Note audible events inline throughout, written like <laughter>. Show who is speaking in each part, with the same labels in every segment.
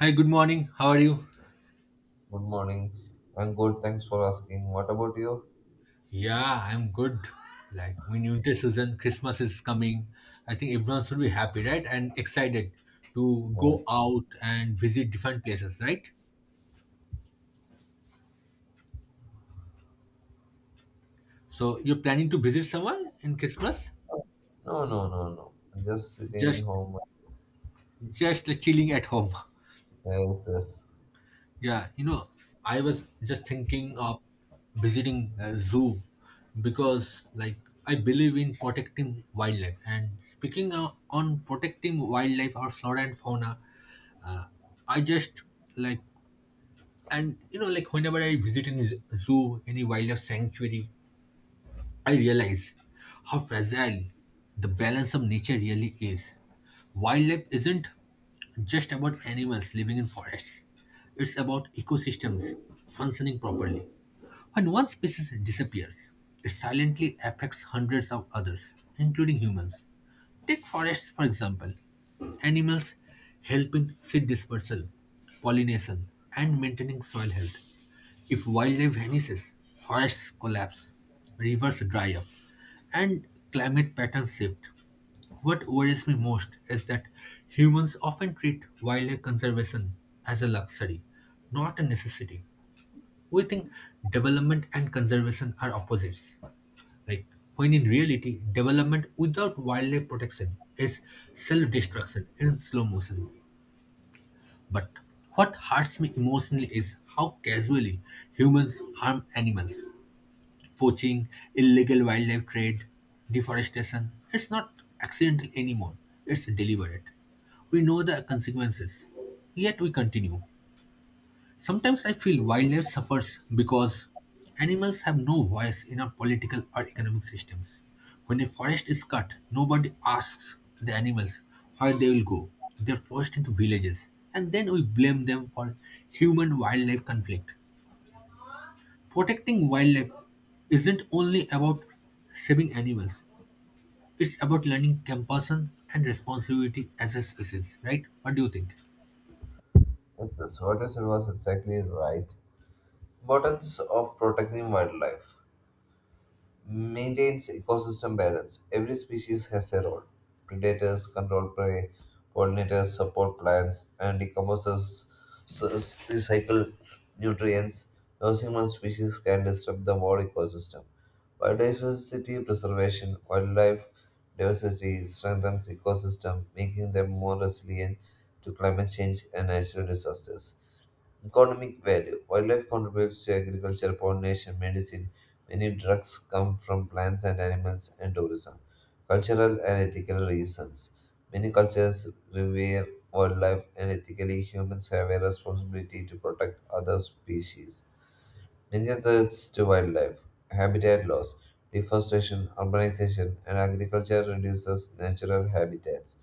Speaker 1: Hi, good morning. How are you?
Speaker 2: Good morning. I'm good. Thanks for asking. What about you?
Speaker 1: Yeah, I'm good. Like when winter season, Christmas is coming. I think everyone should be happy, right? And excited to go
Speaker 2: Yes.
Speaker 1: out and visit different places, right? So you're planning to visit someone in Christmas?
Speaker 2: No, no, no, no. I'm just sitting in
Speaker 1: Just
Speaker 2: home.
Speaker 1: just chilling at home. <laughs>
Speaker 2: Yes, yes. Yes,
Speaker 1: Yeah, I was just thinking of visiting a zoo because, I believe in protecting wildlife. And speaking on protecting wildlife or flora and fauna, uh, I just like, and you know, like, whenever I visit any zoo, any wildlife sanctuary, I realize how fragile the balance of nature really is. Wildlife isn't just about animals living in forests, it's about ecosystems functioning properly. When one species disappears, it silently affects hundreds of others, including humans. Take forests, for example. Animals help in seed dispersal, pollination, and maintaining soil health. If wildlife vanishes, forests collapse, rivers dry up, and climate patterns shift. What worries me most is that humans often treat wildlife conservation as a luxury, not a necessity. We think development and conservation are opposites. Like when in reality, development without wildlife protection is self-destruction in slow motion. But what hurts me emotionally is how casually humans harm animals poaching, illegal wildlife trade, deforestation. It's not accidental anymore, it's deliberate. We know the consequences, yet we continue. Sometimes I feel wildlife suffers because animals have no voice in our political or economic systems. When a forest is cut, nobody asks the animals where they will go. They're forced into villages, and then we blame them for human wildlife conflict. Protecting wildlife isn't only about saving animals, it's about learning compassion and responsibility as a species, right? What do you think?
Speaker 2: yes. What you said was exactly right. Importance of protecting wildlife. Maintains ecosystem balance. Every species has a role. Predators control prey, pollinators support plants, and decomposers recycle nutrients. No single species can disrupt the whole ecosystem. Biodiversity preservation, wildlife diversity strengthens ecosystem, making them more resilient to climate change and natural disasters. Economic value wildlife contributes to agriculture, pollination, medicine. Many drugs come from plants and animals, and tourism. Cultural and ethical reasons many cultures revere wildlife, and ethically, humans have a responsibility to protect other species. Major threats to wildlife habitat loss, deforestation, urbanization, and agriculture reduces natural habitats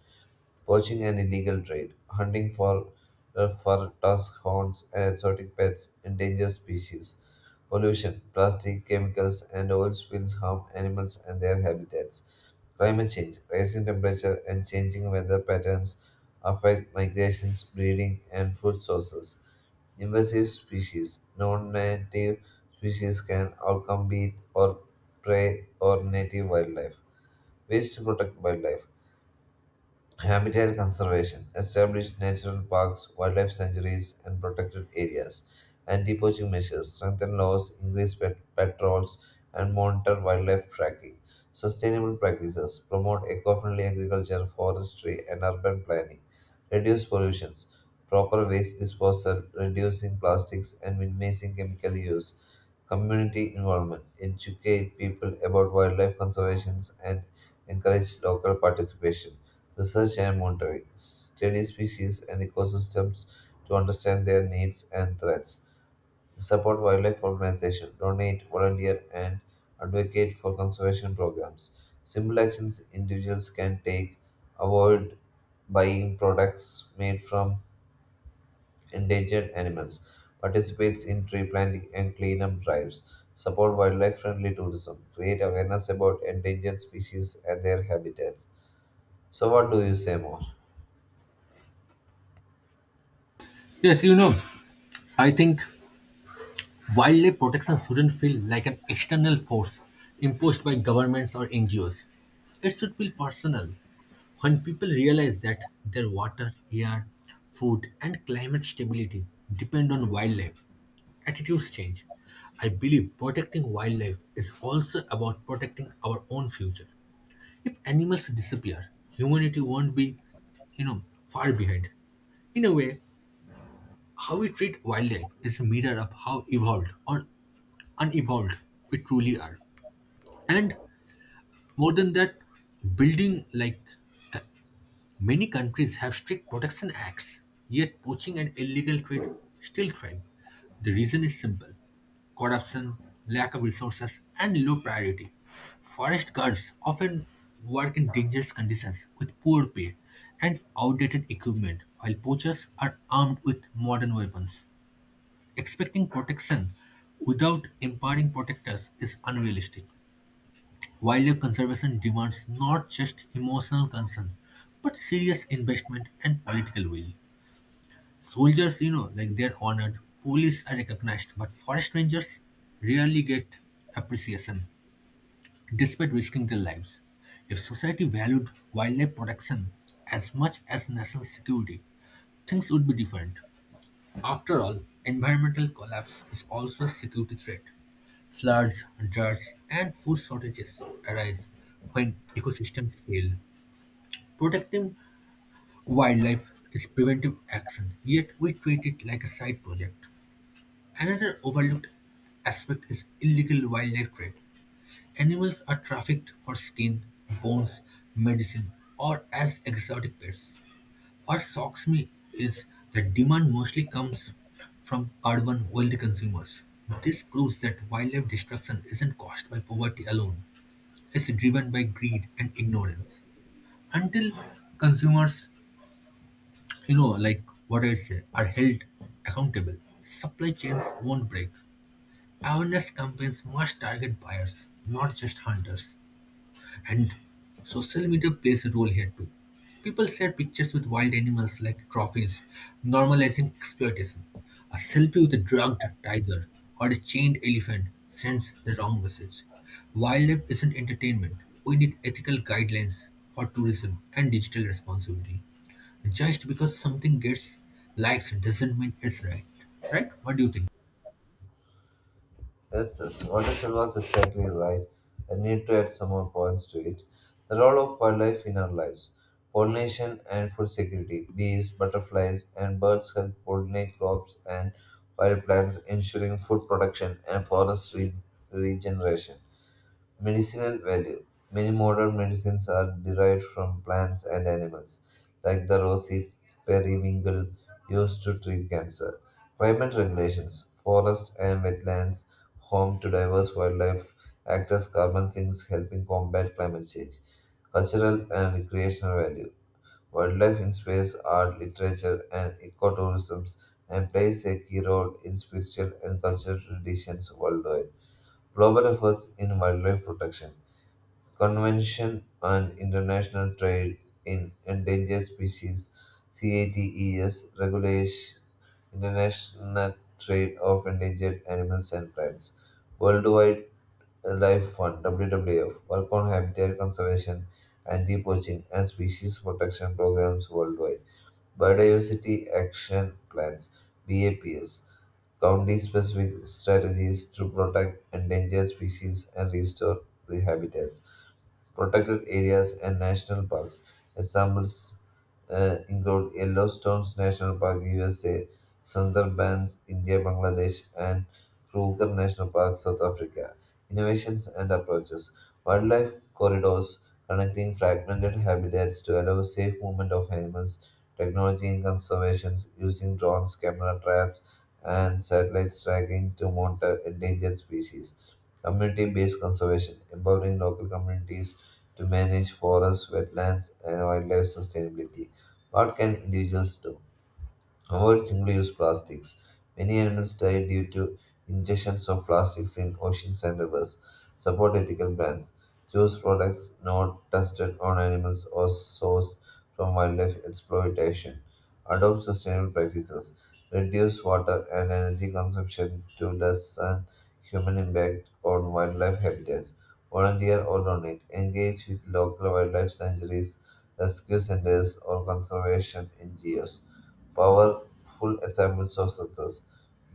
Speaker 2: poaching and illegal trade, hunting for tusk horns and exotic pets, endangered species. Pollution, plastic, chemicals, and oil spills harm animals and their habitats. Climate change, rising temperature and changing weather patterns affect migrations, breeding, and food sources. Invasive species, non-native species can outcompete or prey or native wildlife. Ways to protect wildlife. Habitat conservation. Establish natural parks, wildlife sanctuaries, and protected areas. Anti-poaching measures. Strengthen laws, increase patrols, and monitor wildlife tracking. Sustainable practices. Promote eco-friendly agriculture, forestry, and urban planning. Reduce pollutions. Proper waste disposal, reducing plastics, and minimizing chemical use. Community involvement. Educate people about wildlife conservation and encourage local participation. Research and monitoring. Study species and ecosystems to understand their needs and threats. Support wildlife organizations. Donate, volunteer, and advocate for conservation programs. Simple actions individuals can take. Avoid buying products made from endangered animals, participates in tree planting and cleanup drives, support wildlife friendly tourism, create awareness about endangered species and their habitats. So what do you say more?
Speaker 1: Yes, I think wildlife protection shouldn't feel like an external force imposed by governments or NGOs. It should feel personal. When people realize that their water, air, food, and climate stability depend on wildlife, attitudes change. I believe protecting wildlife is also about protecting our own future. If animals disappear, humanity won't be, far behind. In a way, how we treat wildlife is a mirror of how evolved or unevolved we truly are. And more than that, building like the, many countries have strict protection acts, yet poaching and illegal trade still thrive. The reason is simple corruption, lack of resources, and low priority. Forest guards often work in dangerous conditions with poor pay and outdated equipment, while poachers are armed with modern weapons. Expecting protection without empowering protectors is unrealistic. Wildlife conservation demands not just emotional concern, but serious investment and political will. Soldiers, they're honored, police are recognized, but forest rangers rarely get appreciation, despite risking their lives. If society valued wildlife protection as much as national security, things would be different. After all, environmental collapse is also a security threat. Floods, droughts, and food shortages arise when ecosystems fail. Protecting wildlife is preventive action, yet we treat it like a side project. Another overlooked aspect is illegal wildlife trade. Animals are trafficked for skin, bones, medicine, or as exotic pets. What shocks me is that demand mostly comes from urban wealthy consumers. This proves that wildlife destruction isn't caused by poverty alone. It's driven by greed and ignorance. Until consumers, are held accountable, supply chains won't break. Awareness campaigns must target buyers, not just hunters. And social media plays a role here too. People share pictures with wild animals like trophies, normalizing exploitation. A selfie with a drugged tiger or a chained elephant sends the wrong message. Wildlife isn't entertainment. We need ethical guidelines for tourism and digital responsibility. Just because something gets likes doesn't mean it's right. Right? What do you think?
Speaker 2: Yes, yes, what you said was exactly right. I need to add some more points to it. The role of wildlife in our lives. Pollination and food security. Bees, butterflies, and birds help pollinate crops and wild plants, ensuring food production and forest regeneration. Medicinal value. Many modern medicines are derived from plants and animals, like the rosy periwinkle used to treat cancer. Climate regulations. Forests and wetlands, home to diverse wildlife, act as carbon sinks helping combat climate change. Cultural and recreational value. Wildlife in space, art, literature, and ecotourism and plays a key role in spiritual and cultural traditions worldwide. Global efforts in wildlife protection. Convention on International Trade in Endangered Species (CATES) regulates international trade of endangered animals and plants. World Wildlife Fund (WWF) work on habitat conservation, anti-poaching, and species protection programs worldwide. Biodiversity Action Plans (BAPS) county-specific strategies to protect endangered species and restore the habitats. Protected areas and national parks. Examples include Yellowstone National Park, USA, Sundarbans, India, Bangladesh, and Kruger National Park, South Africa. Innovations and approaches. Wildlife corridors connecting fragmented habitats to allow safe movement of animals. Technology in conservation using drones, camera traps, and satellite tracking to monitor endangered species. Community based conservation, empowering local communities to manage forests, wetlands, and wildlife sustainability. What can individuals do? Avoid single-use plastics. Many animals die due to ingestions of plastics in oceans and rivers. Support ethical brands. Choose products not tested on animals or sourced from wildlife exploitation. Adopt sustainable practices. Reduce water and energy consumption to lessen human impact on wildlife habitats. Volunteer or donate. Engage with local wildlife sanctuaries, rescue centers, or conservation NGOs powerful examples of success.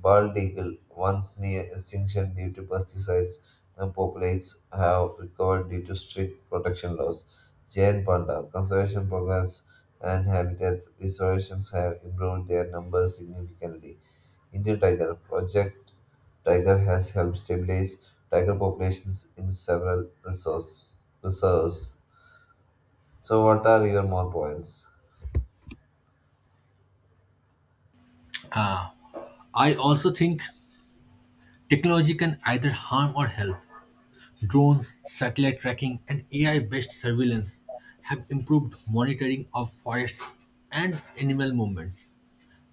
Speaker 2: Bald eagle, once near extinction due to pesticides, and populates have recovered due to strict protection laws. Giant panda, conservation programs and habitats restorations have improved their numbers significantly. Indian tiger, Project Tiger has helped stabilize tiger populations in several resource, reserves. So, what are your more points?
Speaker 1: Ah, I also think technology can either harm or help. Drones, satellite tracking, and AI-based surveillance have improved monitoring of forests and animal movements.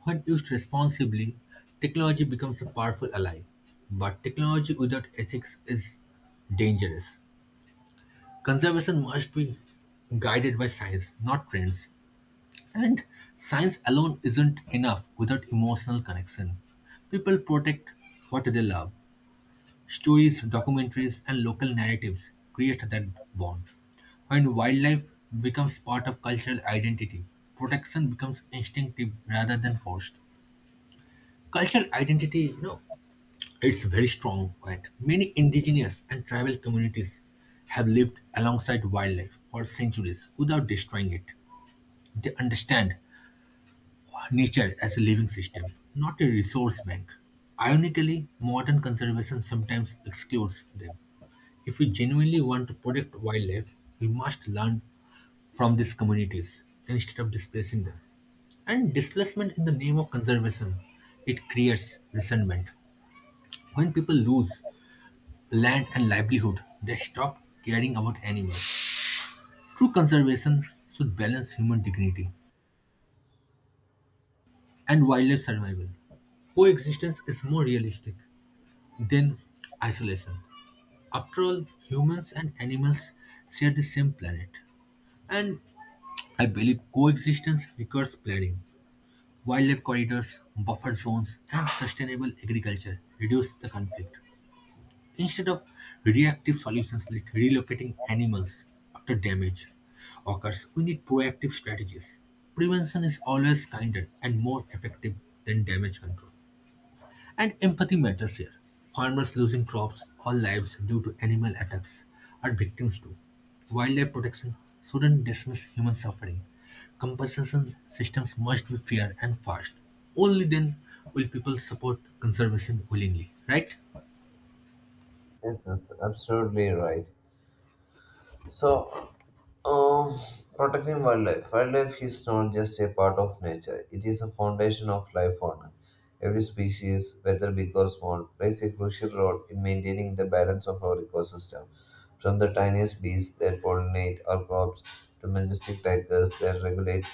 Speaker 1: When used responsibly, technology becomes a powerful ally. But technology without ethics is dangerous. Conservation must be guided by science, not trends. And science alone isn't enough without emotional connection. People protect what they love. Stories, documentaries, and local narratives create that bond. When wildlife becomes part of cultural identity, protection becomes instinctive rather than forced. Cultural identity, it's very strong, right? Many indigenous and tribal communities have lived alongside wildlife for centuries without destroying it. They understand nature as a living system, not a resource bank. Ironically, modern conservation sometimes excludes them. If we genuinely want to protect wildlife, we must learn from these communities instead of displacing them. And displacement in the name of conservation, it creates resentment. When people lose land and livelihood, they stop caring about animals. True conservation should balance human dignity and wildlife survival. Coexistence is more realistic. Then isolation. After all, humans and animals share the same planet. And I believe coexistence requires planning. Wildlife corridors, buffer zones, and sustainable agriculture reduce the conflict. Instead of reactive solutions like relocating animals after damage occurs, we need proactive strategies. Prevention is always kinder and more effective than damage control. And empathy matters here. Farmers losing crops or lives due to animal attacks are victims too. Wildlife protection shouldn't dismiss human suffering. Compensation systems must be fair and fast. Only then will people support conservation willingly, right?
Speaker 2: This is absolutely right. So, um, protecting wildlife. Wildlife is not just a part of nature, it is a foundation of life on Earth. Every species, whether big or small, plays a crucial role in maintaining the balance of our ecosystem. From the tiniest bees that pollinate our crops to majestic tigers that regulate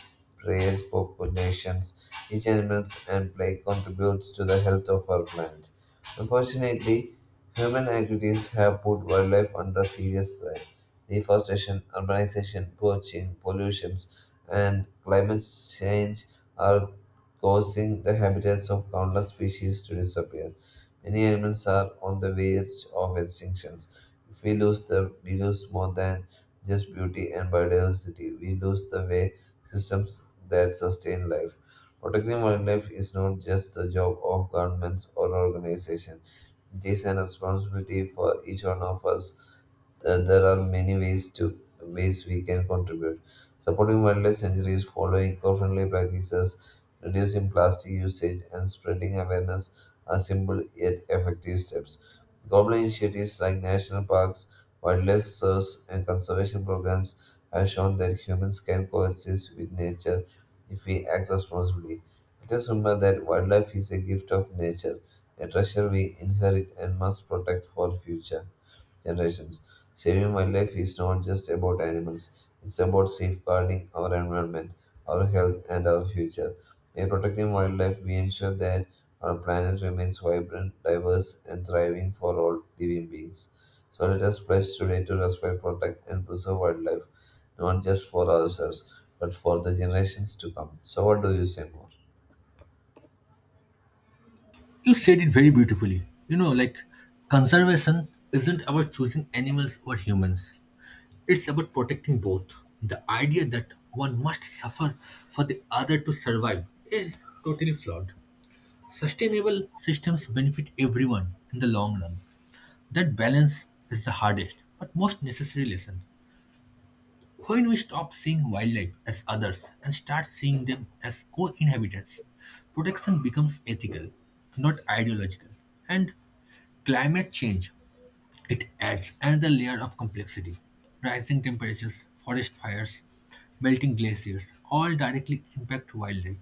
Speaker 2: prey populations, each animal and play contributes to the health of our planet. Unfortunately, human activities have put wildlife under serious threat. Deforestation, urbanization, poaching, pollution, and climate change are causing the habitats of countless species to disappear. Many animals are on the verge of extinction. If we lose them, we lose more than just beauty and biodiversity. We lose the way systems that sustain life. Protecting wildlife is not just the job of governments or organizations, it is a responsibility for each one of us that there are many ways we can contribute. Supporting wildlife sanctuaries, following eco-friendly practices, reducing plastic usage, and spreading awareness are simple yet effective steps. Government initiatives like national parks, wildlife reserves, and conservation programs have shown that humans can coexist with nature if we act responsibly. Let us remember that wildlife is a gift of nature, a treasure we inherit and must protect for future generations. Saving wildlife is not just about animals, it's about safeguarding our environment, our health, and our future. By protecting wildlife, we ensure that our planet remains vibrant, diverse, and thriving for all living beings. So let us pledge today to respect, protect, and preserve wildlife, not just for ourselves, but for the generations to come. So, what do you say more?
Speaker 1: You said it very beautifully. Conservation isn't about choosing animals or humans, it's about protecting both. The idea that one must suffer for the other to survive is totally flawed. Sustainable systems benefit everyone in the long run. That balance is the hardest but most necessary lesson. When we stop seeing wildlife as others and start seeing them as co inhabitants, protection becomes ethical, not ideological. And climate change it adds another layer of complexity. Rising temperatures, forest fires, melting glaciers all directly impact wildlife.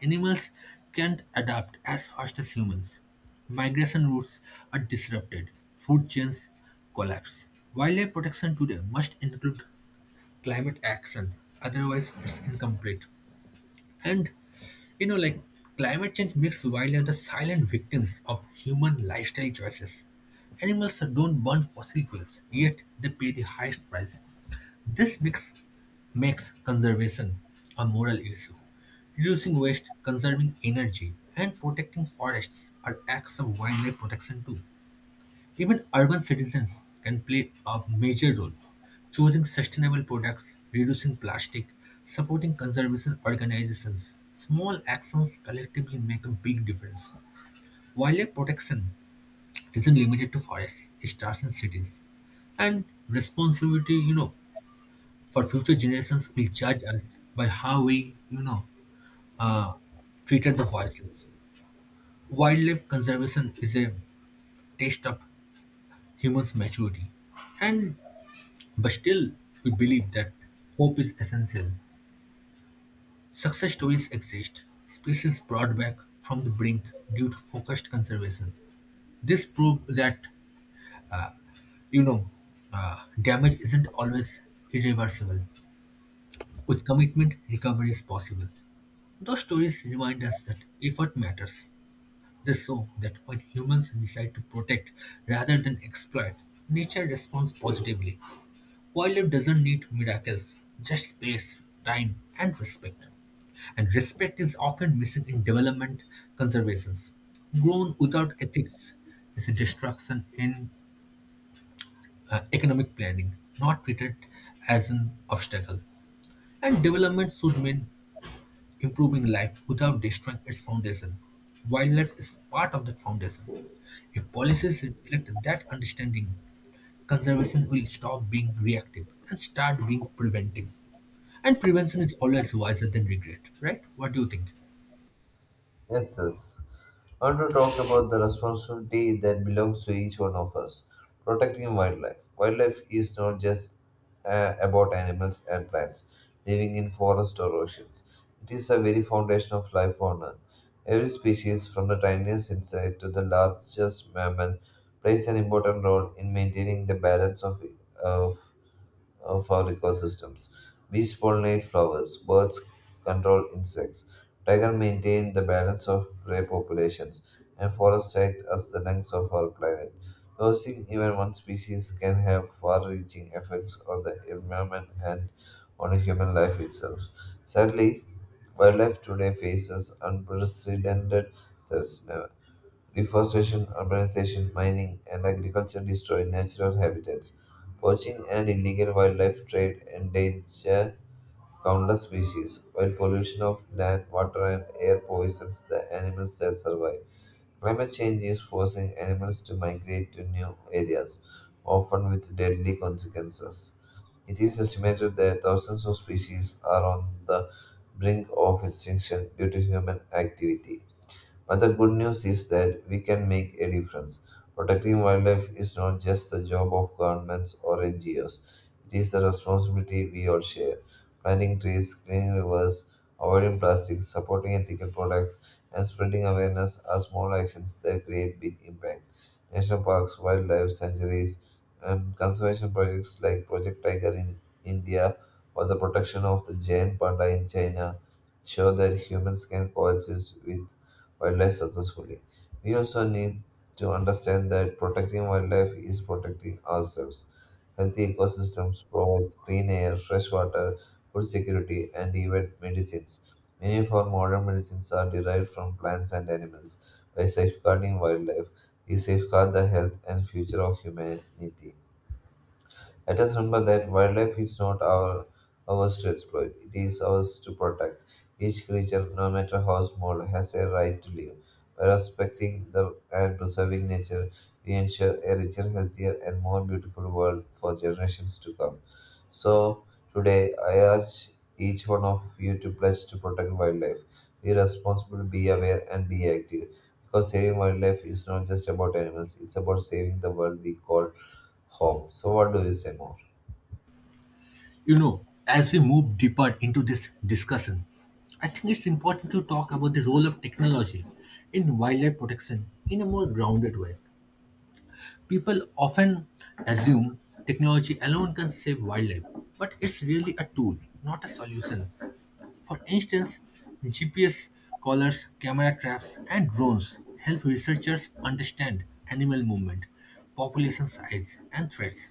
Speaker 1: Animals can't adapt as fast as humans. Migration routes are disrupted, food chains collapse. Wildlife protection today must include climate action, otherwise, it's incomplete. And you know, like climate change makes wildlife the silent victims of human lifestyle choices. Animals don't burn fossil fuels, yet they pay the highest price. This mix makes conservation a moral issue. Reducing waste, conserving energy, and protecting forests are acts of wildlife protection too. Even urban citizens can play a major role, choosing sustainable products, reducing plastic, supporting conservation organizations. Small actions collectively make a big difference. Wildlife protection isn't limited to forests, it starts in cities. And responsibility, for future generations will judge us by how we, uh, treated the forests. Wildlife conservation is a test of human's maturity. And But still, we believe that hope is essential. Success stories exist, species brought back from the brink due to focused conservation. This proves that, you know, damage isn't always irreversible. With commitment, recovery is possible. Those stories remind us that effort matters. They show that when humans decide to protect rather than exploit, nature responds positively. Wildlife doesn't need miracles, just space, time, and respect. And respect is often missing in development conservations. Grown without ethics is a destruction in economic planning, not treated as an obstacle. And development should mean improving life without destroying its foundation. Wildlife is part of that foundation. If policies reflect that understanding, conservation will stop being reactive and start being preventive. And prevention is always wiser than regret, right? What do you think?
Speaker 2: Yes, yes. I want to talk about the responsibility that belongs to each one of us. Protecting wildlife. Wildlife is not just about animals and plants living in forests or oceans. It is the very foundation of life on Earth. Every species, from the tiniest insect to the largest mammal, plays an important role in maintaining the balance of of our ecosystems. Bees pollinate flowers, birds control insects, tigers maintain the balance of prey populations, and forests act as the lungs of our planet. Losing even one species can have far reaching effects on the environment and on human life itself. Sadly, wildlife today faces unprecedented threats. Deforestation, urbanization, mining, and agriculture destroy natural habitats. Poaching and illegal wildlife trade endanger countless species, while pollution of land, water, and air poisons the animals that survive. Climate change is forcing animals to migrate to new areas, often with deadly consequences. It is estimated that thousands of species are on the brink of extinction due to human activity. But the good news is that we can make a difference. Protecting wildlife is not just the job of governments or NGOs, it is the responsibility we all share. Planting trees, cleaning rivers, avoiding plastic, supporting ethical products, and spreading awareness are small actions that create big impact. National parks, wildlife sanctuaries, and conservation projects like Project Tiger in India or the protection of the giant panda in China show that humans can coexist with wildlife successfully. We also need to understand that protecting wildlife is protecting ourselves. Healthy ecosystems provide clean air, fresh water, food security, and even medicines. Many of our modern medicines are derived from plants and animals. By safeguarding wildlife, we safeguard the health and future of humanity. Let us remember that wildlife is not ours to exploit, it is ours to protect. Each creature, no matter how small, has a right to live. By respecting the and preserving nature, we ensure a richer, healthier, and more beautiful world for generations to come. So, today I urge each one of you to pledge to protect wildlife. Be responsible, be aware, and be active. Because saving wildlife is not just about animals, it's about saving the world we call home. So, what do you say more?
Speaker 1: You know, as we move deeper into this discussion, I think it's important to talk about the role of technology in wildlife protection in a more grounded way. People often assume technology alone can save wildlife, but it's really a tool, not a solution. For instance, GPS collars, camera traps, and drones help researchers understand animal movement, population size, and threats.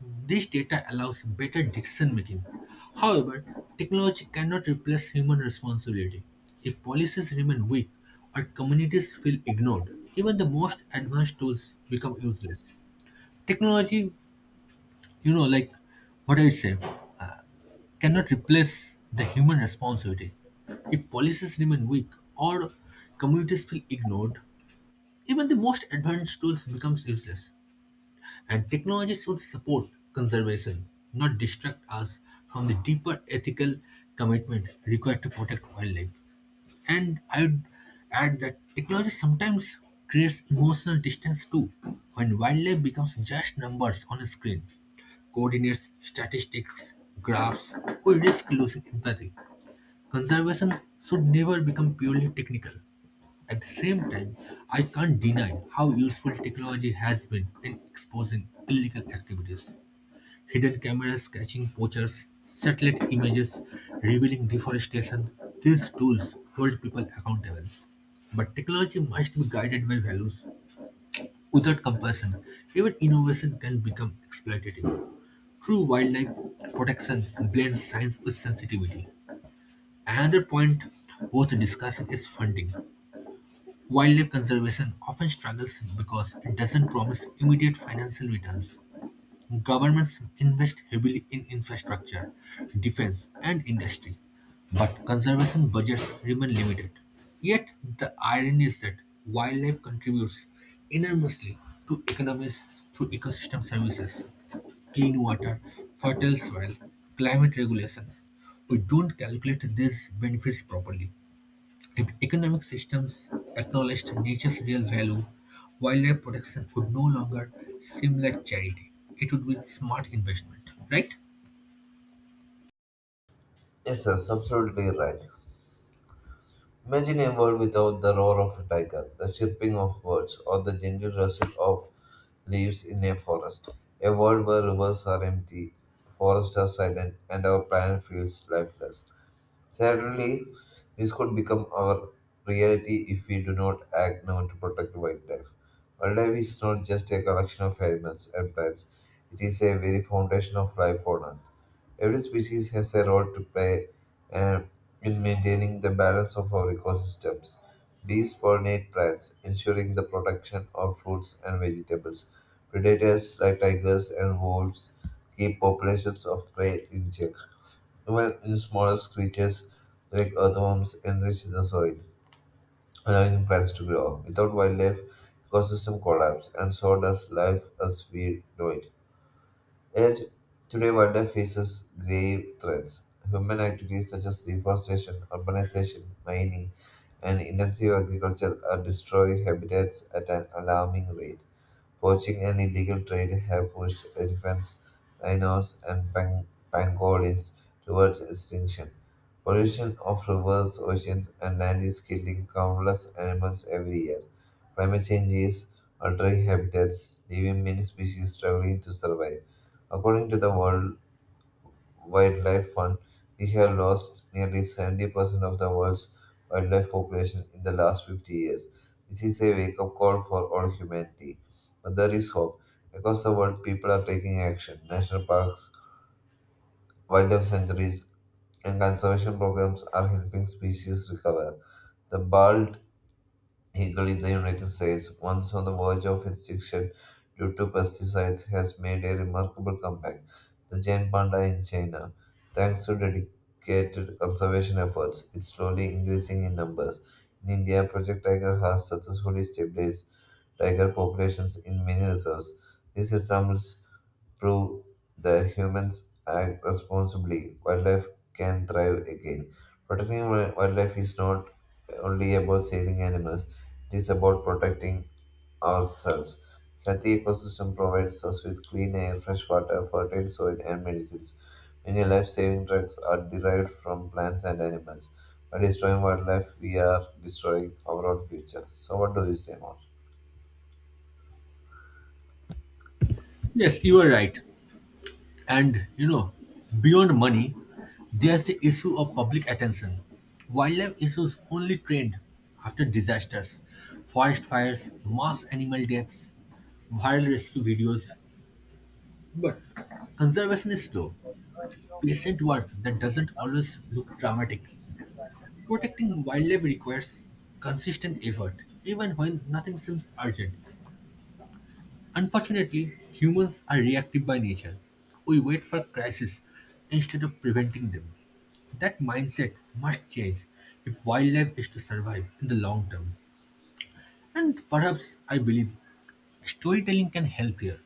Speaker 1: This data allows better decision making. However, technology cannot replace human responsibility. If policies remain weak or communities feel ignored, even the most advanced tools become useless. Technology, you know, like what I would say, uh, cannot replace the human responsibility. If policies remain weak or communities feel ignored, even the most advanced tools becomes useless. And technology should support conservation, not distract us from the deeper ethical commitment required to protect wildlife. And I would add that technology sometimes creates emotional distance too. When wildlife becomes just numbers on a screen, coordinates, statistics, graphs, we risk losing empathy. Conservation should never become purely technical. At the same time, I can't deny how useful technology has been in exposing illegal activities. Hidden cameras catching poachers, satellite images revealing deforestation, these tools hold people accountable. But technology must be guided by values. Without compassion, even innovation can become exploitative. True wildlife protection blends science with sensitivity. Another point worth discussing is funding. Wildlife conservation often struggles because it doesn't promise immediate financial returns. Governments invest heavily in infrastructure, defense, and industry, but conservation budgets remain limited. Yet, the irony is that wildlife contributes enormously to economies through ecosystem services, clean water, fertile soil, climate regulation. We don't calculate these benefits properly. If economic systems acknowledged nature's real value, wildlife protection would no longer seem like charity. It would be smart investment, right?
Speaker 2: Yes, that's absolutely right. Imagine a world without the roar of a tiger, the chirping of birds, or the gentle rustle of leaves in a forest. A world where rivers are empty, forests are silent, and our planet feels lifeless. Sadly, this could become our reality if we do not act now to protect wildlife. Wildlife is not just a collection of animals and plants, it is a very foundation of life on Earth. Every species has a role to play um, in maintaining the balance of our ecosystems. Bees pollinate plants, ensuring the protection of fruits and vegetables. Predators like tigers and wolves keep populations of prey in check. Even the smallest creatures like earthworms enrich the soil, allowing plants to grow. Without wildlife, ecosystem collapse, and so does life as we know it. Yet, today wildlife faces grave threats. Human activities such as deforestation, urbanization, mining, and intensive agriculture are destroying habitats at an alarming rate. Poaching and illegal trade have pushed elephants, rhinos, and pangolins towards extinction. Pollution of rivers, oceans, and land is killing countless animals every year. Climate change is altering habitats, leaving many species struggling to survive. According to the World Wildlife Fund, we have lost nearly 70% of the world's wildlife population in the last 50 years. This is a wake up call for all humanity. But there is hope. Across the world, people are taking action. National parks, wildlife sanctuaries, and conservation programs are helping species recover. The bald Eagle in the United States, once on the verge of extinction due to pesticides, has made a remarkable comeback. The giant panda in China, thanks to dedicated conservation efforts, is slowly increasing in numbers. In India, Project Tiger has successfully stabilized tiger populations in many reserves. These examples prove that humans act responsibly, wildlife can thrive again. Protecting wildlife is not only about saving animals, it is about protecting ourselves. Healthy ecosystem provides us with clean air, fresh water, fertile soil, and medicines. Many life-saving drugs are derived from plants and animals. By destroying wildlife, we are destroying our own future. So, what do you say more?
Speaker 1: Yes, you are right. And beyond money, there's the issue of public attention. Wildlife issues only trend after disasters, forest fires, mass animal deaths, viral rescue videos. But conservation is slow, patient work that doesn't always look dramatic. Protecting wildlife requires consistent effort, even when nothing seems urgent. Unfortunately, humans are reactive by nature. We wait for crises instead of preventing them. That mindset must change if wildlife is to survive in the long term. And perhaps I believe storytelling can help here.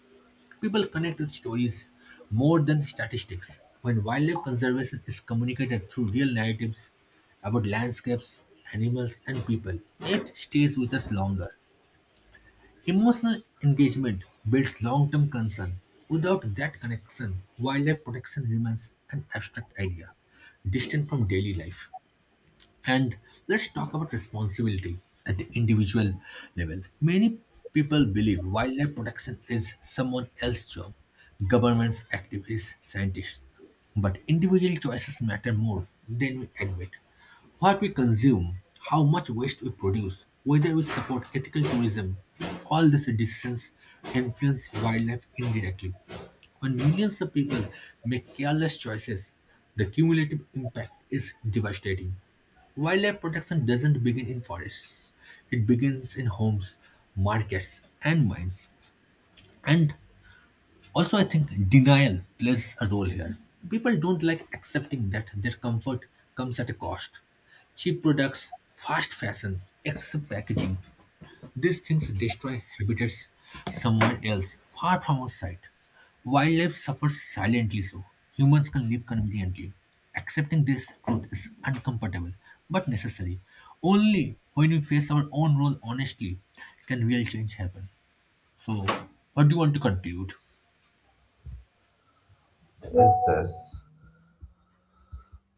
Speaker 1: People connect with stories more than statistics. When wildlife conservation is communicated through real narratives about landscapes, animals, and people, it stays with us longer. Emotional engagement builds long term concern. Without that connection, wildlife protection remains an abstract idea, distant from daily life. And let's talk about responsibility at the individual level. Many people believe wildlife protection is someone else's job governments, activists, scientists. But individual choices matter more than we admit. What we consume, how much waste we produce, whether we support ethical tourism, all these decisions influence wildlife indirectly. When millions of people make careless choices, the cumulative impact is devastating. Wildlife protection doesn't begin in forests. It begins in homes, markets, and mines. And also, I think denial plays a role here. People don't like accepting that their comfort comes at a cost. Cheap products, fast fashion, excessive packaging, these things destroy habitats somewhere else, far from our sight. Wildlife suffers silently so. Humans can live conveniently. Accepting this truth is uncomfortable but necessary. Only when we face our own role honestly can real change happen. So, what do you want to conclude?
Speaker 2: Yes, yes.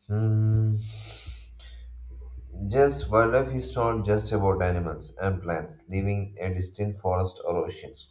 Speaker 2: Hmm. Just wildlife is not just about animals and plants living in distant forests or oceans.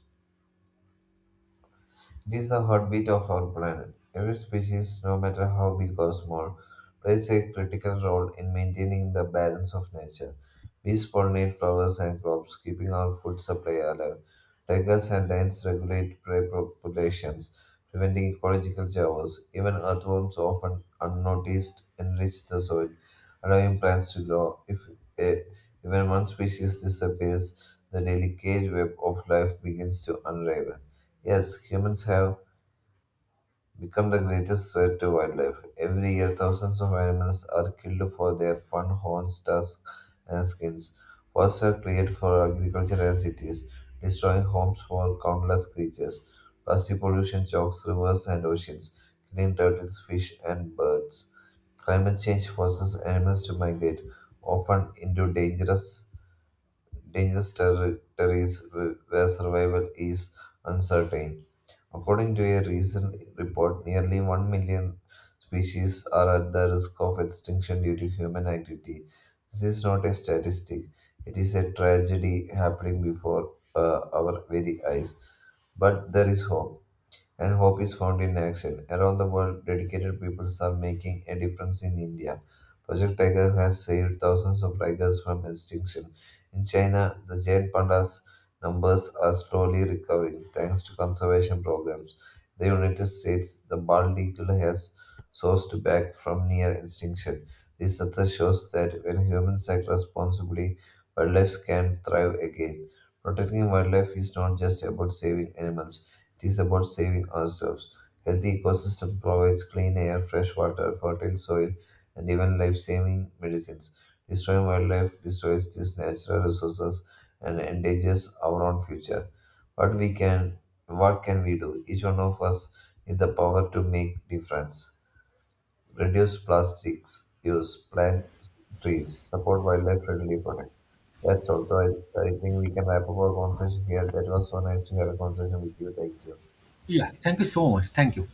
Speaker 2: It is the heartbeat of our planet. Every species, no matter how big or small, plays a critical role in maintaining the balance of nature. Bees pollinate flowers and crops, keeping our food supply alive. Tigers and lions regulate prey populations, preventing ecological chaos. Even earthworms, often unnoticed, enrich the soil, allowing plants to grow. If eh, even one species disappears, the delicate web of life begins to unravel. Yes, humans have become the greatest threat to wildlife. Every year, thousands of animals are killed for their fun, horns, tusks, and skins. Forests are cleared for agriculture and cities, destroying homes for countless creatures. Plastic pollution chokes rivers and oceans, killing turtles, fish, and birds. Climate change forces animals to migrate, often into dangerous territories where survival is uncertain. According to a recent report, nearly 1 million species are at the risk of extinction due to human activity. This is not a statistic, it is a tragedy happening before our very eyes. But there is hope and hope is found in action. Around the world, dedicated people are making a difference in India. Project Tiger has saved thousands of tigers from extinction. In China, the giant pandas numbers are slowly recovering thanks to conservation programs. In the United States, the bald eagle has sourced back from near extinction. This data shows that when humans act responsibly, wildlife can thrive again. Protecting wildlife is not just about saving animals. It is about saving ourselves. Healthy ecosystem provides clean air, fresh water, fertile soil, and even life-saving medicines. Destroying wildlife destroys these natural resources and endangers our own future. What we can, what can we do? Each one of us needs the power to make difference. Reduce plastics use, plant trees, support wildlife-friendly products. That's all. So I think we can wrap up our conversation here. That was so nice to have a conversation with you. Thank you.
Speaker 1: Yeah, thank you so much. Thank you.